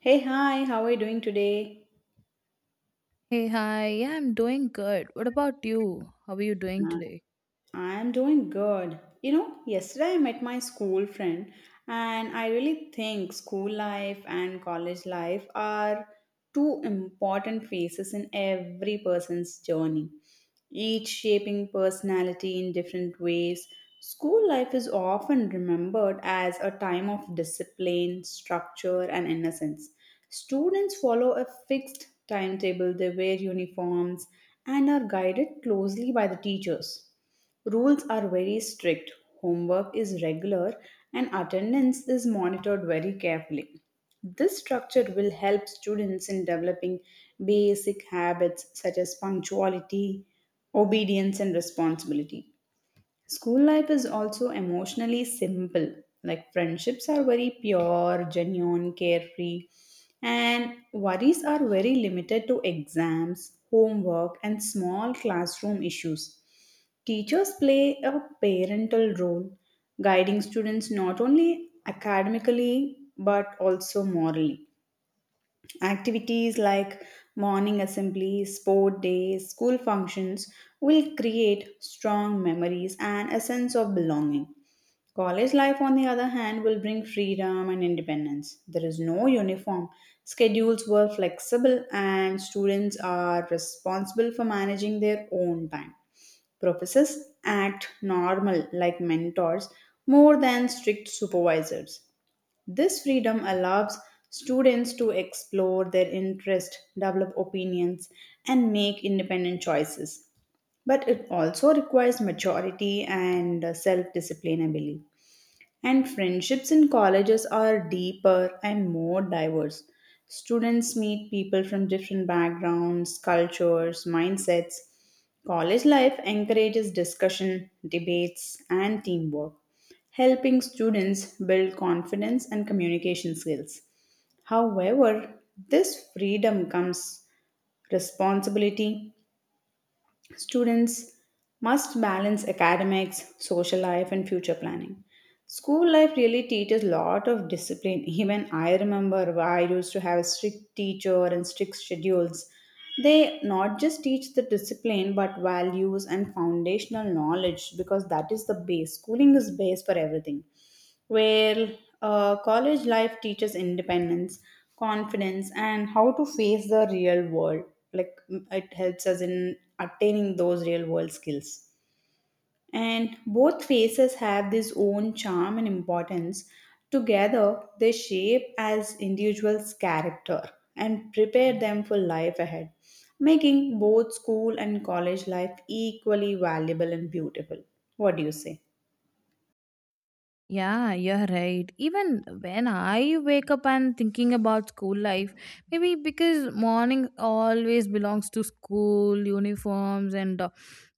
Hey, hi, how are you doing today? Hey, hi. Yeah, I'm doing good. What about you? How are you doing Uh, today? I'm doing good. You know, yesterday I met my school friend, and I really think school life and college life are two important phases in every person's journey, each shaping personality in different ways. School life is often remembered as a time of discipline, structure, and innocence. Students follow a fixed timetable, they wear uniforms, and are guided closely by the teachers. Rules are very strict, homework is regular, and attendance is monitored very carefully. This structure will help students in developing basic habits such as punctuality, obedience, and responsibility. School life is also emotionally simple. Like friendships are very pure, genuine, carefree, and worries are very limited to exams, homework, and small classroom issues. Teachers play a parental role, guiding students not only academically but also morally. Activities like morning assemblies, sport days, school functions will create strong memories and a sense of belonging. College life, on the other hand, will bring freedom and independence. There is no uniform. Schedules were flexible, and students are responsible for managing their own time. Professors act normal like mentors more than strict supervisors. This freedom allows students to explore their interests, develop opinions, and make independent choices. But it also requires maturity and self discipline, I believe. And friendships in colleges are deeper and more diverse. Students meet people from different backgrounds, cultures, mindsets. College life encourages discussion, debates, and teamwork, helping students build confidence and communication skills. However, this freedom comes responsibility. Students must balance academics, social life, and future planning. School life really teaches a lot of discipline. Even I remember I used to have a strict teacher and strict schedules. They not just teach the discipline but values and foundational knowledge because that is the base. Schooling is base for everything where college life teaches independence, confidence, and how to face the real world. Like it helps us in attaining those real world skills. And both phases have this own charm and importance. Together, they shape as individuals' character and prepare them for life ahead, making both school and college life equally valuable and beautiful. What do you say? Yeah, you're right. Even when I wake up and thinking about school life, maybe because morning always belongs to school, uniforms and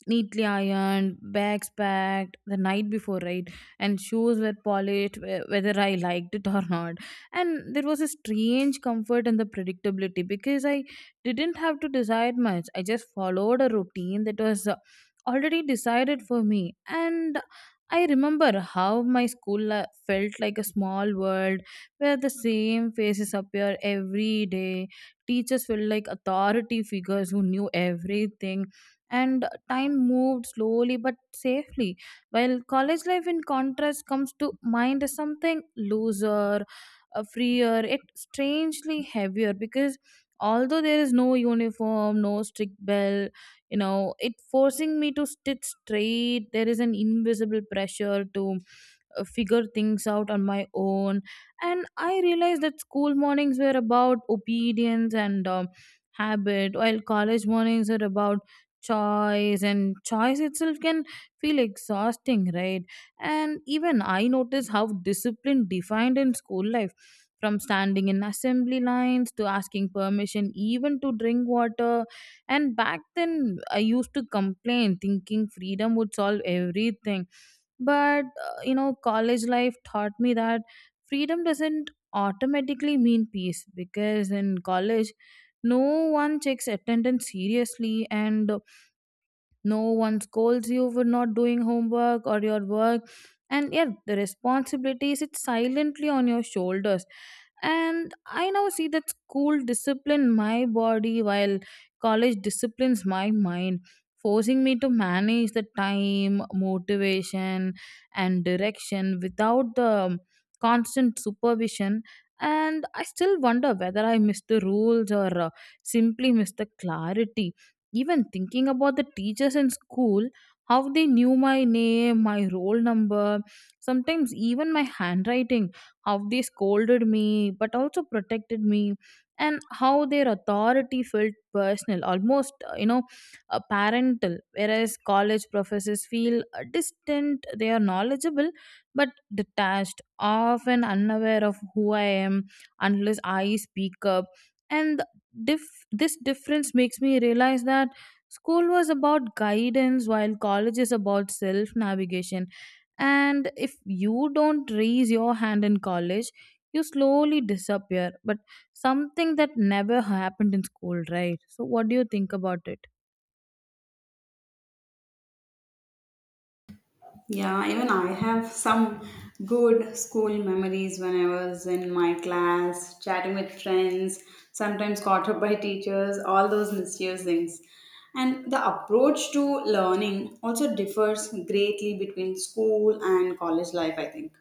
neatly ironed, bags packed the night before, right? And shoes were polished whether I liked it or not. And there was a strange comfort in the predictability because I didn't have to decide much. I just followed a routine that was already decided for me. And I remember how my felt like a small world where the same faces appear every day. Teachers felt like authority figures who knew everything, and time moved slowly but safely. While college life, in contrast, comes to mind as something looser, freer, it strangely heavier because although there is no uniform, no strict bell, you know it forcing me to sit straight, there is an invisible pressure to figure things out on my own. And I realized that school mornings were about obedience and habit, while college mornings are about choice, and choice itself can feel exhausting, right? And even I noticed how discipline defined in school life, from standing in assembly lines to asking permission even to drink water. And back then I used to complain thinking freedom would solve everything, but you know, college life taught me that freedom doesn't automatically mean peace, because in college no one checks attendance seriously and no one scolds you for not doing homework or your work. And yeah, the responsibility sits silently on your shoulders. And I now see that school discipline my body while college disciplines my mind, forcing me to manage the time, motivation, and direction without the constant supervision. And I still wonder whether I missed the rules or simply missed the clarity, even thinking about the teachers in school, how they knew my name, my roll number, sometimes even my handwriting, how they scolded me but also protected me, and how their authority felt personal, almost, parental. Whereas college professors feel distant, they are knowledgeable but detached, often unaware of who I am unless I speak up. And the this difference makes me realize that school was about guidance while college is about self navigation, and if you don't raise your hand in college you slowly disappear, but something that never happened in school, right? So what do you think about it? Yeah, even I have some good school memories when I was in my class, chatting with friends, sometimes caught up by teachers, all those mysterious things. And the approach to learning also differs greatly between school and college life, I think.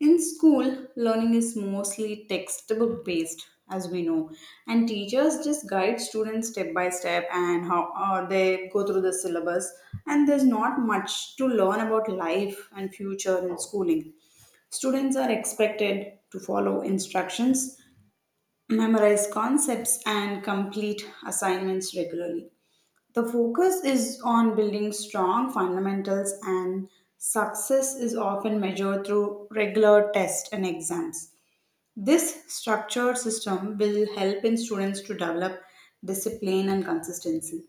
In school, learning is mostly textbook based, as we know, and teachers just guide students step by step and how they go through the syllabus. And there's not much to learn about life and future in schooling. Students are expected to follow instructions, memorize concepts, and complete assignments regularly. The focus is on building strong fundamentals, and success is often measured through regular tests and exams. This structured system will help in students to develop discipline and consistency.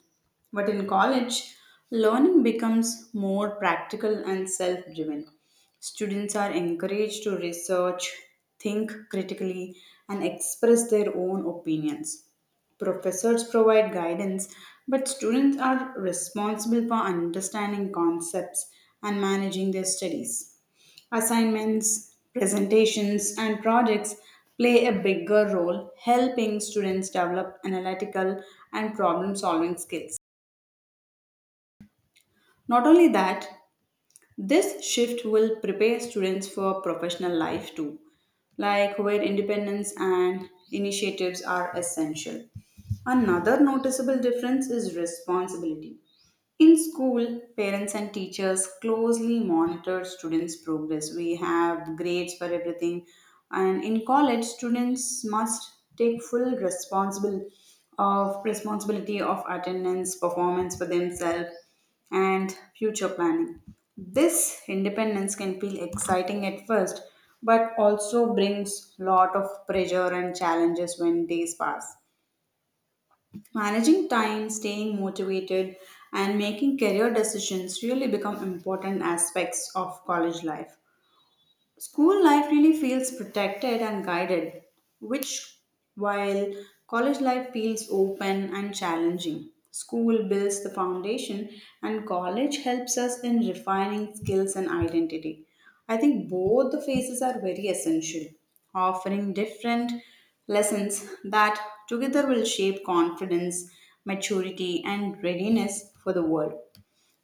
But in college, learning becomes more practical and self driven. Students are encouraged to research, think critically, and express their own opinions. Professors provide guidance, but students are responsible for understanding concepts and managing their studies. Assignments, presentations, and projects play a bigger role, helping students develop analytical and problem solving skills. Not only that, this shift will prepare students for professional life too, like where independence and initiatives are essential. Another noticeable difference is responsibility. In school, parents and teachers closely monitor students' progress. We have grades for everything. And in college, students must take full responsible of responsibility of attendance, performance for themselves, and future planning. This independence can feel exciting at first, but also brings lot of pressure and challenges when days pass. Managing time, staying motivated, and making career decisions really become important aspects of college life. School life really feels protected and guided, which while college life feels open and challenging. School builds the foundation, and college helps us in refining skills and identity. I think both the phases are very essential, offering different lessons that together will shape confidence, maturity, and readiness for the world.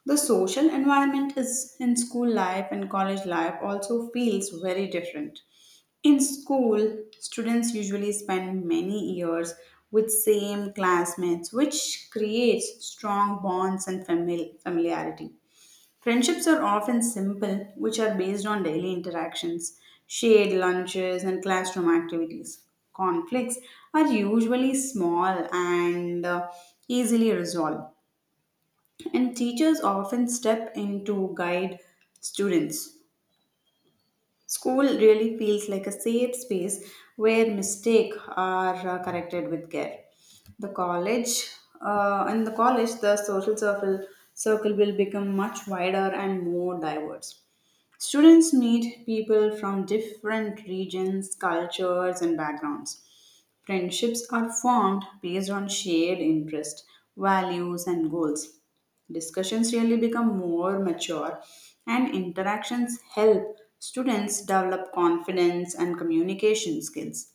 The social environment is in school life and college life also feels very different. In school, students usually spend many years with same classmates, which creates strong bonds and familiarity. Friendships are often simple, which are based on daily interactions, shared lunches, and classroom activities. Conflicts are usually small and easily resolved and teachers often step in to guide students. School really feels like a safe space where mistakes are corrected with care. The college, in the college, the social circle circle will become much wider and more diverse. Students meet people from different regions, cultures, and backgrounds. Friendships are formed based on shared interests, values, and goals. Discussions really become more mature, and interactions help students develop confidence and communication skills.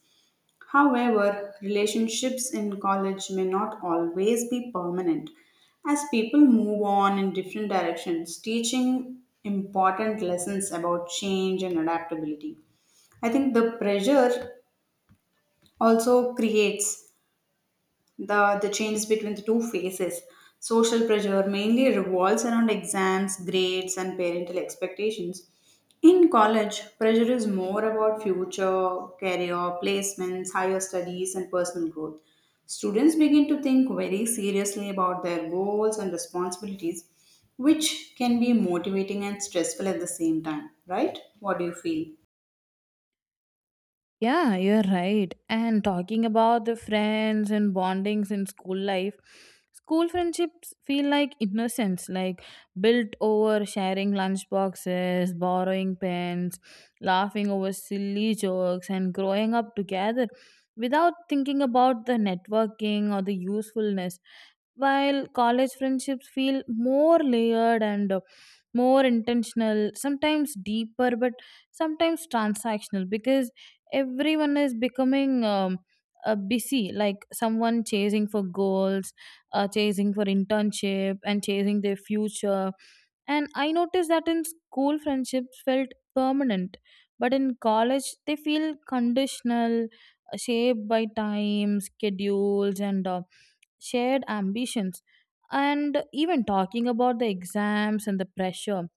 However, relationships in college may not always be permanent. As people move on in different directions, teaching important lessons about change and adaptability. I think the pressure also creates the changes between the two phases. Social pressure mainly revolves around exams, grades, and parental expectations. In college, pressure is more about future, career, placements, higher studies, and personal growth. Students begin to think very seriously about their goals and responsibilities, which can be motivating and stressful at the same time, right? What do you feel? Yeah, you're right. And talking about the friends and bondings in school life, school friendships feel like innocence, like built over sharing lunch boxes, borrowing pens, laughing over silly jokes, and growing up together without thinking about the networking or the usefulness. While college friendships feel more layered and more intentional, sometimes deeper, but sometimes transactional because everyone is becoming busy, like someone chasing for goals, chasing for internship and chasing their future. And I noticed that in school friendships felt permanent, but in college they feel conditional, shaped by time schedules and shared ambitions. And even talking about the exams and the pressure,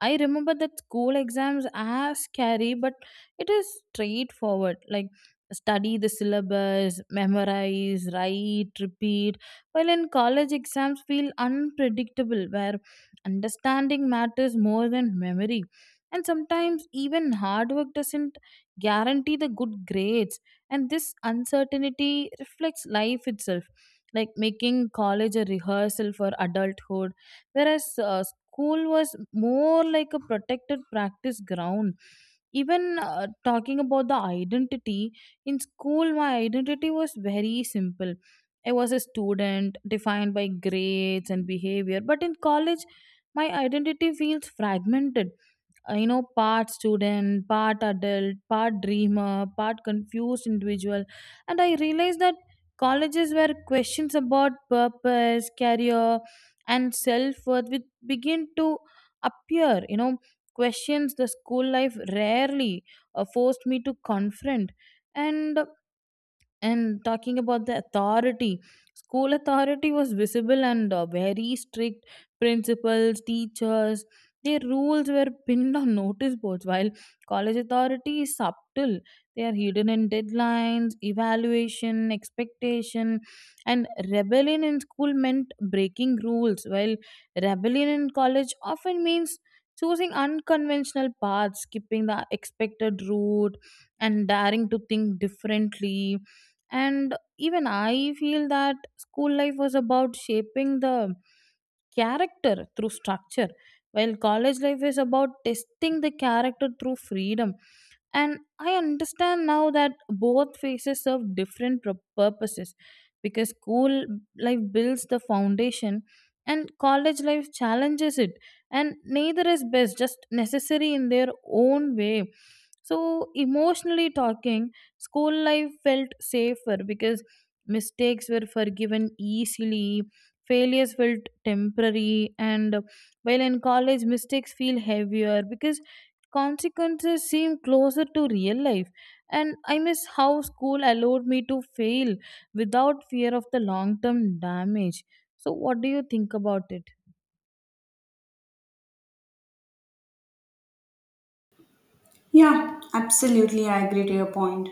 I remember that school exams are scary, but it is straightforward. Like study the syllabus, memorize, write, repeat. While in college exams feel unpredictable, where understanding matters more than memory. And sometimes even hard work doesn't guarantee the good grades. And this uncertainty reflects life itself, like making college a rehearsal for adulthood, whereas school was more like a protected practice ground. Even talking about the identity in school, my identity was very simple. I was a student defined by grades and behavior, but in college my identity feels fragmented, you know, part student, part adult, part dreamer, part confused individual. And I realized that colleges where questions about purpose, career, and self-worth would begin to appear, you know, questions the school life rarely forced me to confront. And and talking about the authority, school authority was visible and very strict. Principals, teachers, their rules were pinned on notice boards, while college authority is subtle. They are hidden in deadlines, evaluation, expectation, and rebellion in school meant breaking rules, while rebellion in college often means choosing unconventional paths, skipping the expected route, and daring to think differently. And even I feel that school life was about shaping the character through structure, while college life is about testing the character through freedom. And I understand now that both phases serve different purposes, because school life builds the foundation and college life challenges it, and neither is best, just necessary in their own way. So emotionally talking, school life felt safer because mistakes were forgiven easily, failures felt temporary, and while in college, mistakes feel heavier because consequences seem closer to real life. And I miss how school allowed me to fail without fear of the long term damage. So, what do you think about it? Yeah, absolutely. I agree to your point.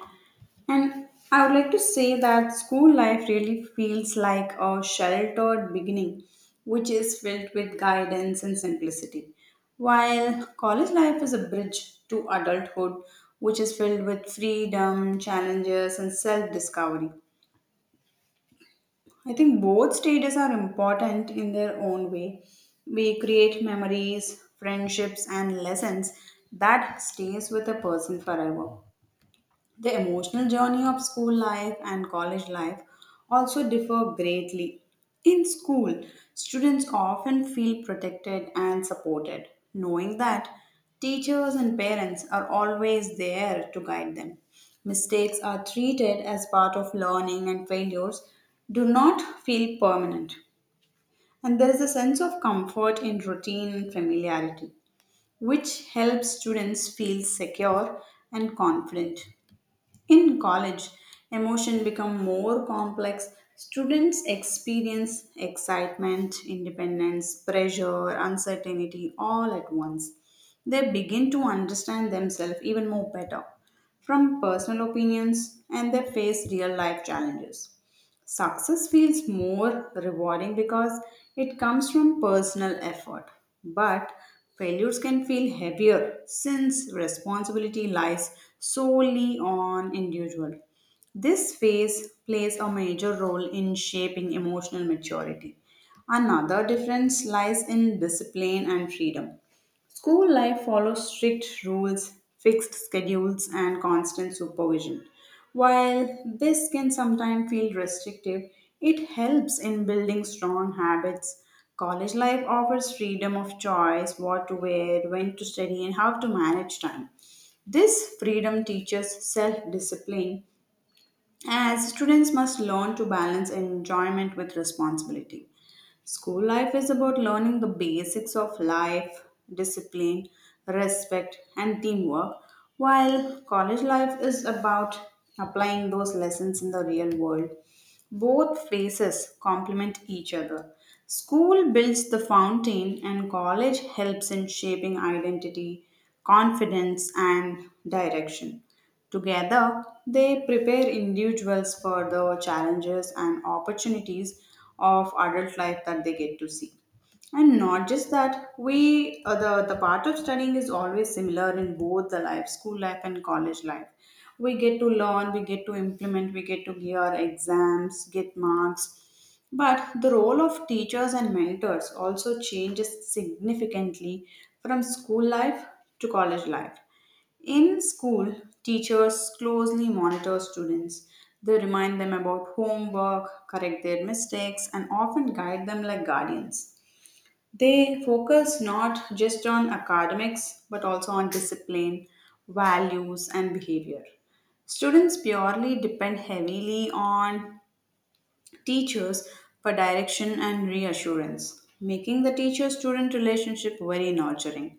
And I would like to say that school life really feels like a sheltered beginning, which is filled with guidance and simplicity, while college life is a bridge to adulthood, which is filled with freedom, challenges, and self discovery. I think both stages are important in their own way. We create memories, friendships, and lessons that stays with a person forever. The emotional journey of school life and college life also differ greatly. In school, students often feel protected and supported, knowing that teachers and parents are always there to guide them. Mistakes are treated as part of learning, and failures do not feel permanent. And there is a sense of comfort in routine and familiarity, which helps students feel secure and confident. In college, emotion become more complex. Students experience excitement, independence, pressure, uncertainty all at once. They begin to understand themselves even more better from personal opinions and they face real life challenges. Success feels more rewarding because it comes from personal effort, but failures can feel heavier since responsibility lies solely on individual. This phase plays a major role in shaping emotional maturity. Another difference lies in discipline and freedom. School life follows strict rules, fixed schedules, and constant supervision. While this can sometimes feel restrictive, it helps in building strong habits. College life offers freedom of choice, what to wear, when to study, and how to manage time. This freedom teaches self discipline, as students must learn to balance enjoyment with responsibility. School life is about learning the basics of life, discipline, respect, and teamwork, while college life is about applying those lessons in the real world. Both phases complement each other. School builds the fountain, and college helps in shaping identity, confidence, and direction. Together, they prepare individuals for the challenges and opportunities of adult life that they get to see. And not just that, we the part of studying is always similar in both the life, school life and college life. We get to learn, we get to implement, we get to give our exams, get marks. But the role of teachers and mentors also changes significantly from school life to college life. In school, teachers closely monitor students. They remind them about homework, correct their mistakes, and often guide them like guardians. They focus not just on academics but also on discipline, values, and behavior. Students purely depend heavily on teachers for direction and reassurance, making the teacher student relationship very nurturing.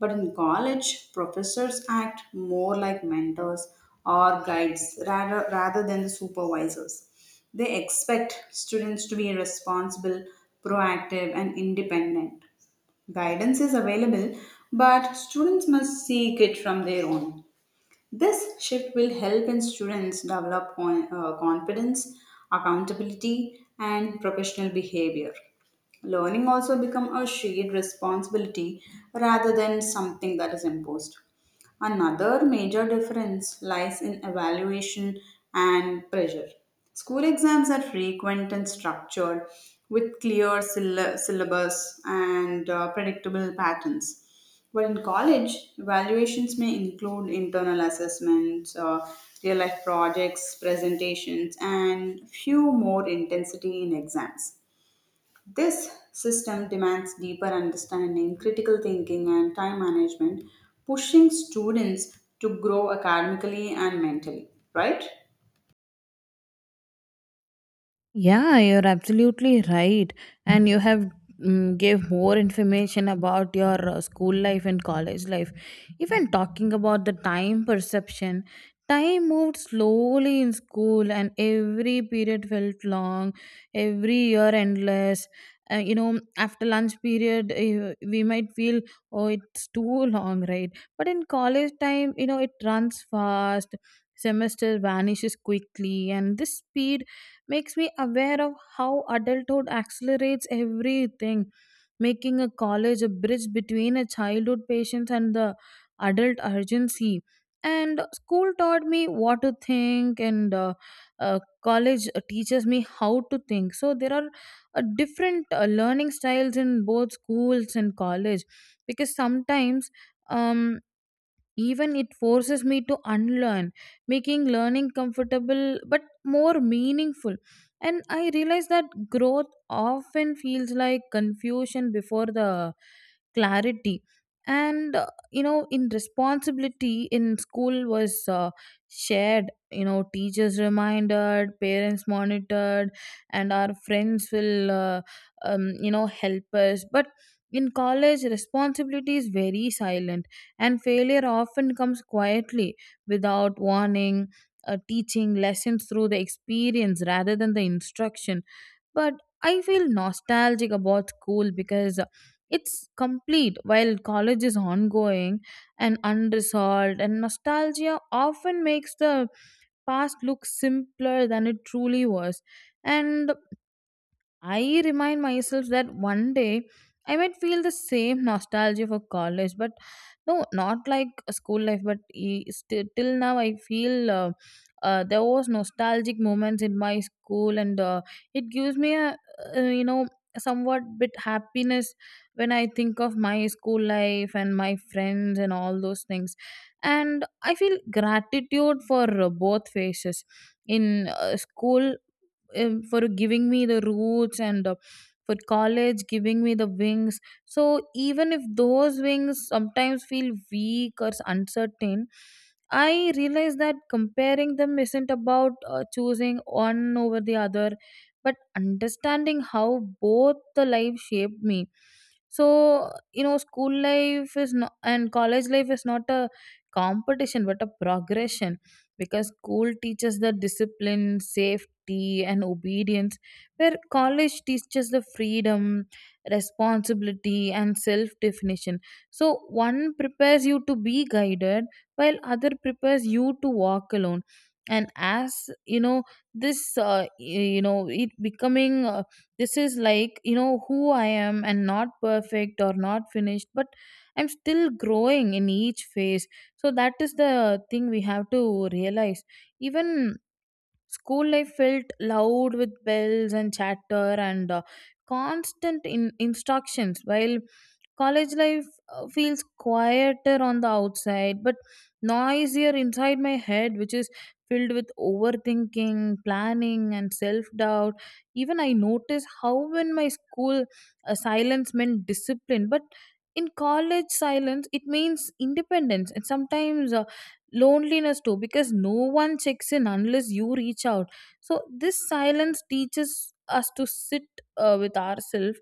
But in college, professors act more like mentors or guides rather than the supervisors. They expect students to be responsible, proactive, and independent. Guidance is available, but students must seek it from their own. This shift will help in students develop confidence, accountability, and professional behavior. Learning also become a shared responsibility rather than something that is imposed. Another major difference lies in evaluation and pressure. School exams are frequent and structured with clear syllabus and predictable patterns. But in college, evaluations may include internal assessments, real life projects, presentations, and few more intensity in exams. This system demands deeper understanding, critical thinking, and time management, pushing students to grow academically and mentally, right? Yeah, you're absolutely right, and you have gave more information about your school life and college life. Even talking about the time perception, time moved slowly in school, and every period felt long, every year endless. You know, after lunch period, we might feel, oh, it's too long, right? But in college time, you know, it runs fast. Semester vanishes quickly, and this speed makes me aware of how adulthood accelerates everything, making a college a bridge between a childhood patience and the adult urgency. And school taught me what to think, and college teaches me how to think. So there are different learning styles in both schools and college, because sometimes um, even it forces me to unlearn, making learning comfortable but more meaningful. And I realize that growth often feels like confusion before the clarity. And you know, in responsibility in school was shared. You know, teachers reminded, parents monitored, and our friends will, you know, help us. But in college, responsibility is very silent, and failure often comes quietly without warning, teaching lessons through the experience rather than the instruction. But I feel nostalgic about school because it's complete, while college is ongoing and unresolved, and nostalgia often makes the past look simpler than it truly was. And I remind myself that one day I might feel the same nostalgia for college, but no, not like a school life. But till now, I feel there was nostalgic moments in my school, and it gives me a uh, you know somewhat bit happiness when I think of my school life and my friends and all those things. And I feel gratitude for both phases, in school for giving me the roots, and for college giving me the wings. So even if those wings sometimes feel weak or uncertain, I realize that comparing them isn't about choosing one over the other, but understanding how both the life shaped me. So you know, school life is not and college life is not a competition but a progression, because school teaches the discipline, safety, duty and obedience, where college teaches the freedom, responsibility, and self definition. So, one prepares you to be guided, while other prepares you to walk alone. And as you know, this you know, it becoming this is like you know who I am, and not perfect or not finished, but I'm still growing in each phase. So that is the thing we have to realize. Even school life felt loud with bells and chatter and constant instructions, while college life feels quieter on the outside, but noisier inside my head, which is filled with overthinking, planning, and self doubt. Even I notice how in my school silence meant discipline, but in college silence it means independence and sometimes loneliness too, because no one checks in unless you reach out. So this silence teaches us to sit with ourselves,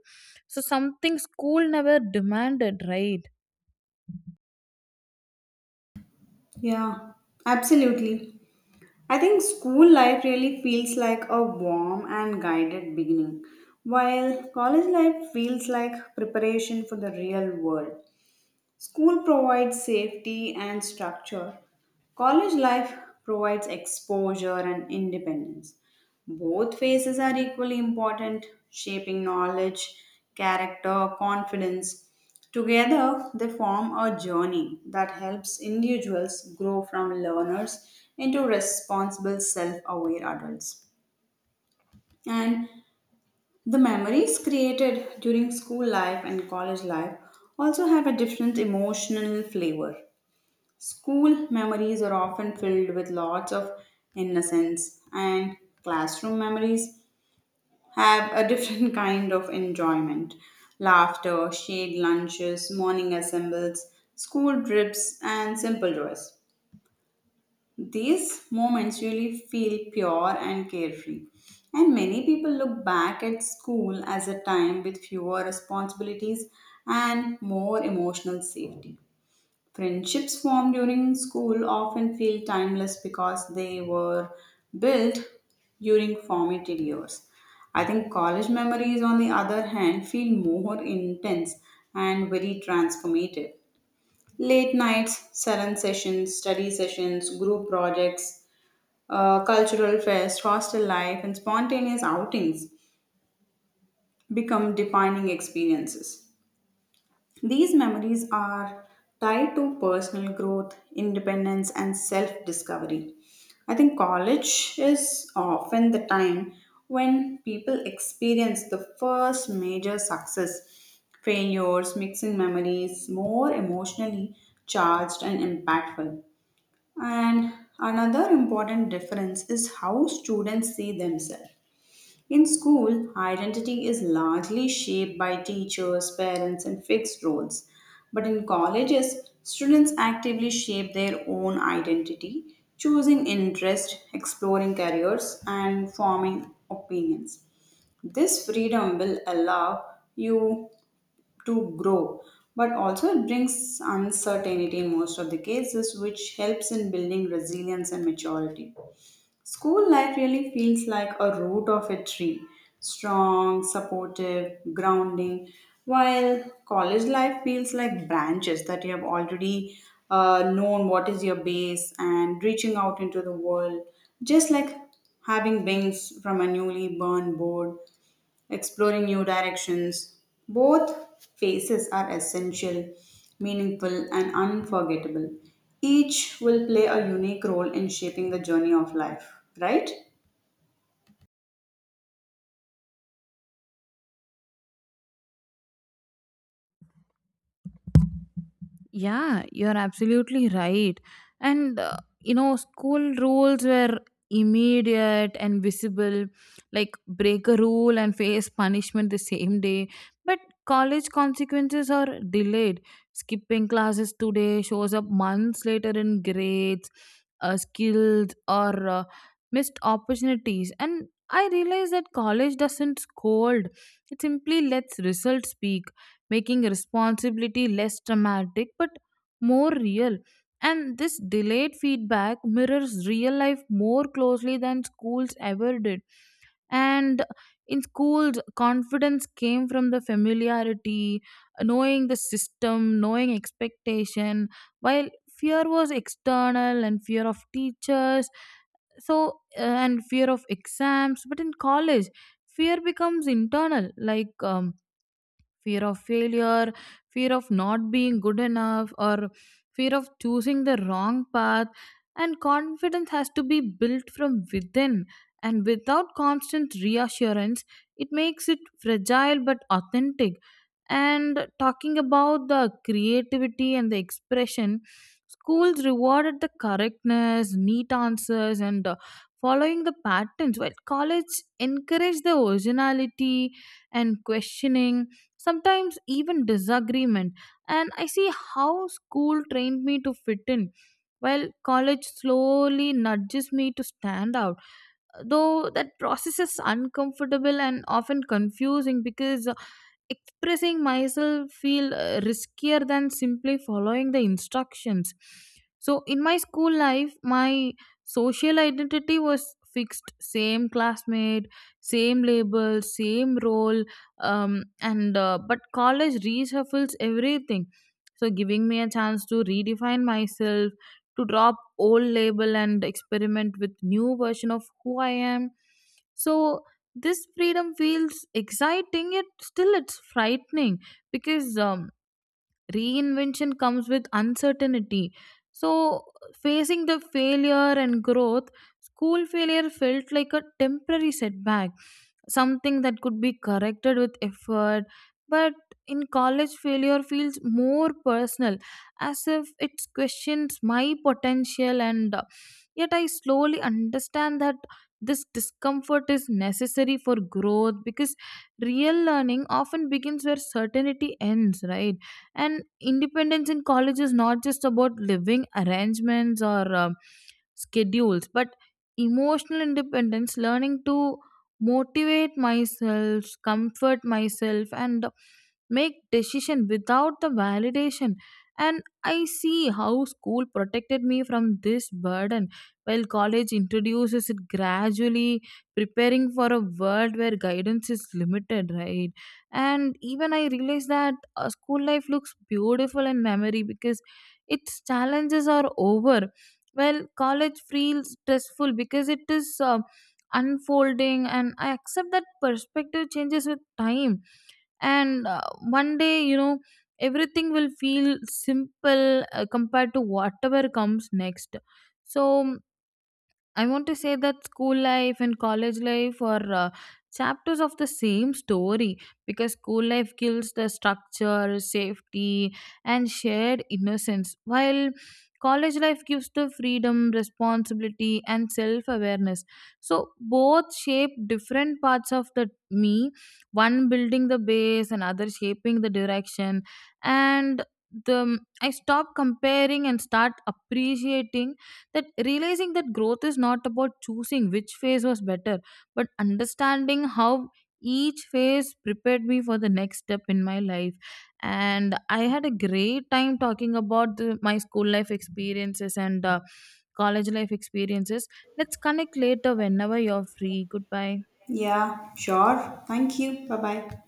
so something school never demanded, right? Yeah, absolutely. I think school life really feels like a warm and guided beginning, while college life feels like preparation for the real world. School provides safety and structure. College life provides exposure and independence. Both phases are equally important, shaping knowledge, character, confidence. Together, they form a journey that helps individuals grow from learners into responsible, self aware adults. And the memories created during school life and college life also have a different emotional flavor. School memories are often filled with lots of innocence, and classroom memories have a different kind of enjoyment. Laughter, shared lunches, morning assembles, school trips, and simple joys. These moments really feel pure and carefree. And many people look back at school as a time with fewer responsibilities and more emotional safety. Friendships formed during school often feel timeless because they were built during formative years. I think college memories, on the other hand, feel more intense and very transformative. Late nights, salon sessions, study sessions, group projects, cultural fest, hostel life, and spontaneous outings become defining experiences. These memories are tied to personal growth, independence, and self discovery. I think college is often the time when people experience the first major success, failures, mixing memories, more emotionally charged and impactful. And another important difference is how students see themselves. In school, identity is largely shaped by teachers, parents, and fixed roles. But in colleges, students actively shape their own identity, choosing interest, exploring careers, and forming opinions. This freedom will allow you to grow, but also it brings uncertainty in most of the cases, which helps in building resilience and maturity. School life really feels like a root of a tree strong, supportive, grounding, while college life feels like branches that you have already known what is your base and reaching out into the world, just like having wings from a newly burned board exploring new directions. Both phases are essential, meaningful, and unforgettable. Each will play a unique role in shaping the journey of life, right? Yeah, you're absolutely right. And, you know, school rules were immediate and visible, like break a rule and face punishment the same day. But college consequences are delayed. Skipping classes today shows up months later in grades, skills, or missed opportunities. And I realize that college doesn't scold, it simply lets results speak, making responsibility less dramatic but more real. And this delayed feedback mirrors real life more closely than schools ever did. And in schools, confidence came from the familiarity, knowing the system, knowing expectation, while fear was external, and fear of teachers, so and fear of exams. But in college fear becomes internal, like fear of failure, fear of not being good enough, or fear of choosing the wrong path. And confidence has to be built from within. And without constant reassurance, it makes it fragile but authentic. And talking about the creativity and the expression, schools rewarded the correctness, neat answers, and following the patterns, while college encouraged the originality and questioning, sometimes even disagreement. And I see how school trained me to fit in, while college slowly nudges me to stand out, though that process is uncomfortable and often confusing, because expressing myself feel riskier than simply following the instructions. So in my school life my social identity was fixed, same classmate, same label, same role, and but college reshuffles everything, so giving me a chance to redefine myself, to drop old label and experiment with new version of who I am. So this freedom feels exciting, yet still it's frightening, because reinvention comes with uncertainty. So facing the failure and growth, school failure felt like a temporary setback, something that could be corrected with effort, but in college failure feels more personal, as if it questions my potential. And yet I slowly understand that this discomfort is necessary for growth, because real learning often begins where certainty ends, right? And independence in college is not just about living arrangements or schedules, but emotional independence, learning to motivate myself, comfort myself, and make decision without the validation. And I see how school protected me from this burden, while college introduces it gradually, preparing for a world where guidance is limited, right? And even I realize that school life looks beautiful in memory because its challenges are over. Well, college feels stressful because it is. Unfolding, and I accept that perspective changes with time, and one day you know, everything will feel simple compared to whatever comes next. So I want to say that school life and college life are chapters of the same story, because school life gives the structure, safety, and shared innocence, while college life gives the freedom, responsibility, and self awareness. So, both shape different parts of the me, one building the base, another shaping the direction, and the I stop comparing and start appreciating that, realizing that growth is not about choosing which phase was better, but understanding how each phase prepared me for the next step in my life. And I had a great time talking about my school life experiences and college life experiences. Let's connect later whenever you're free. Goodbye. Yeah, sure. Thank you. Bye bye.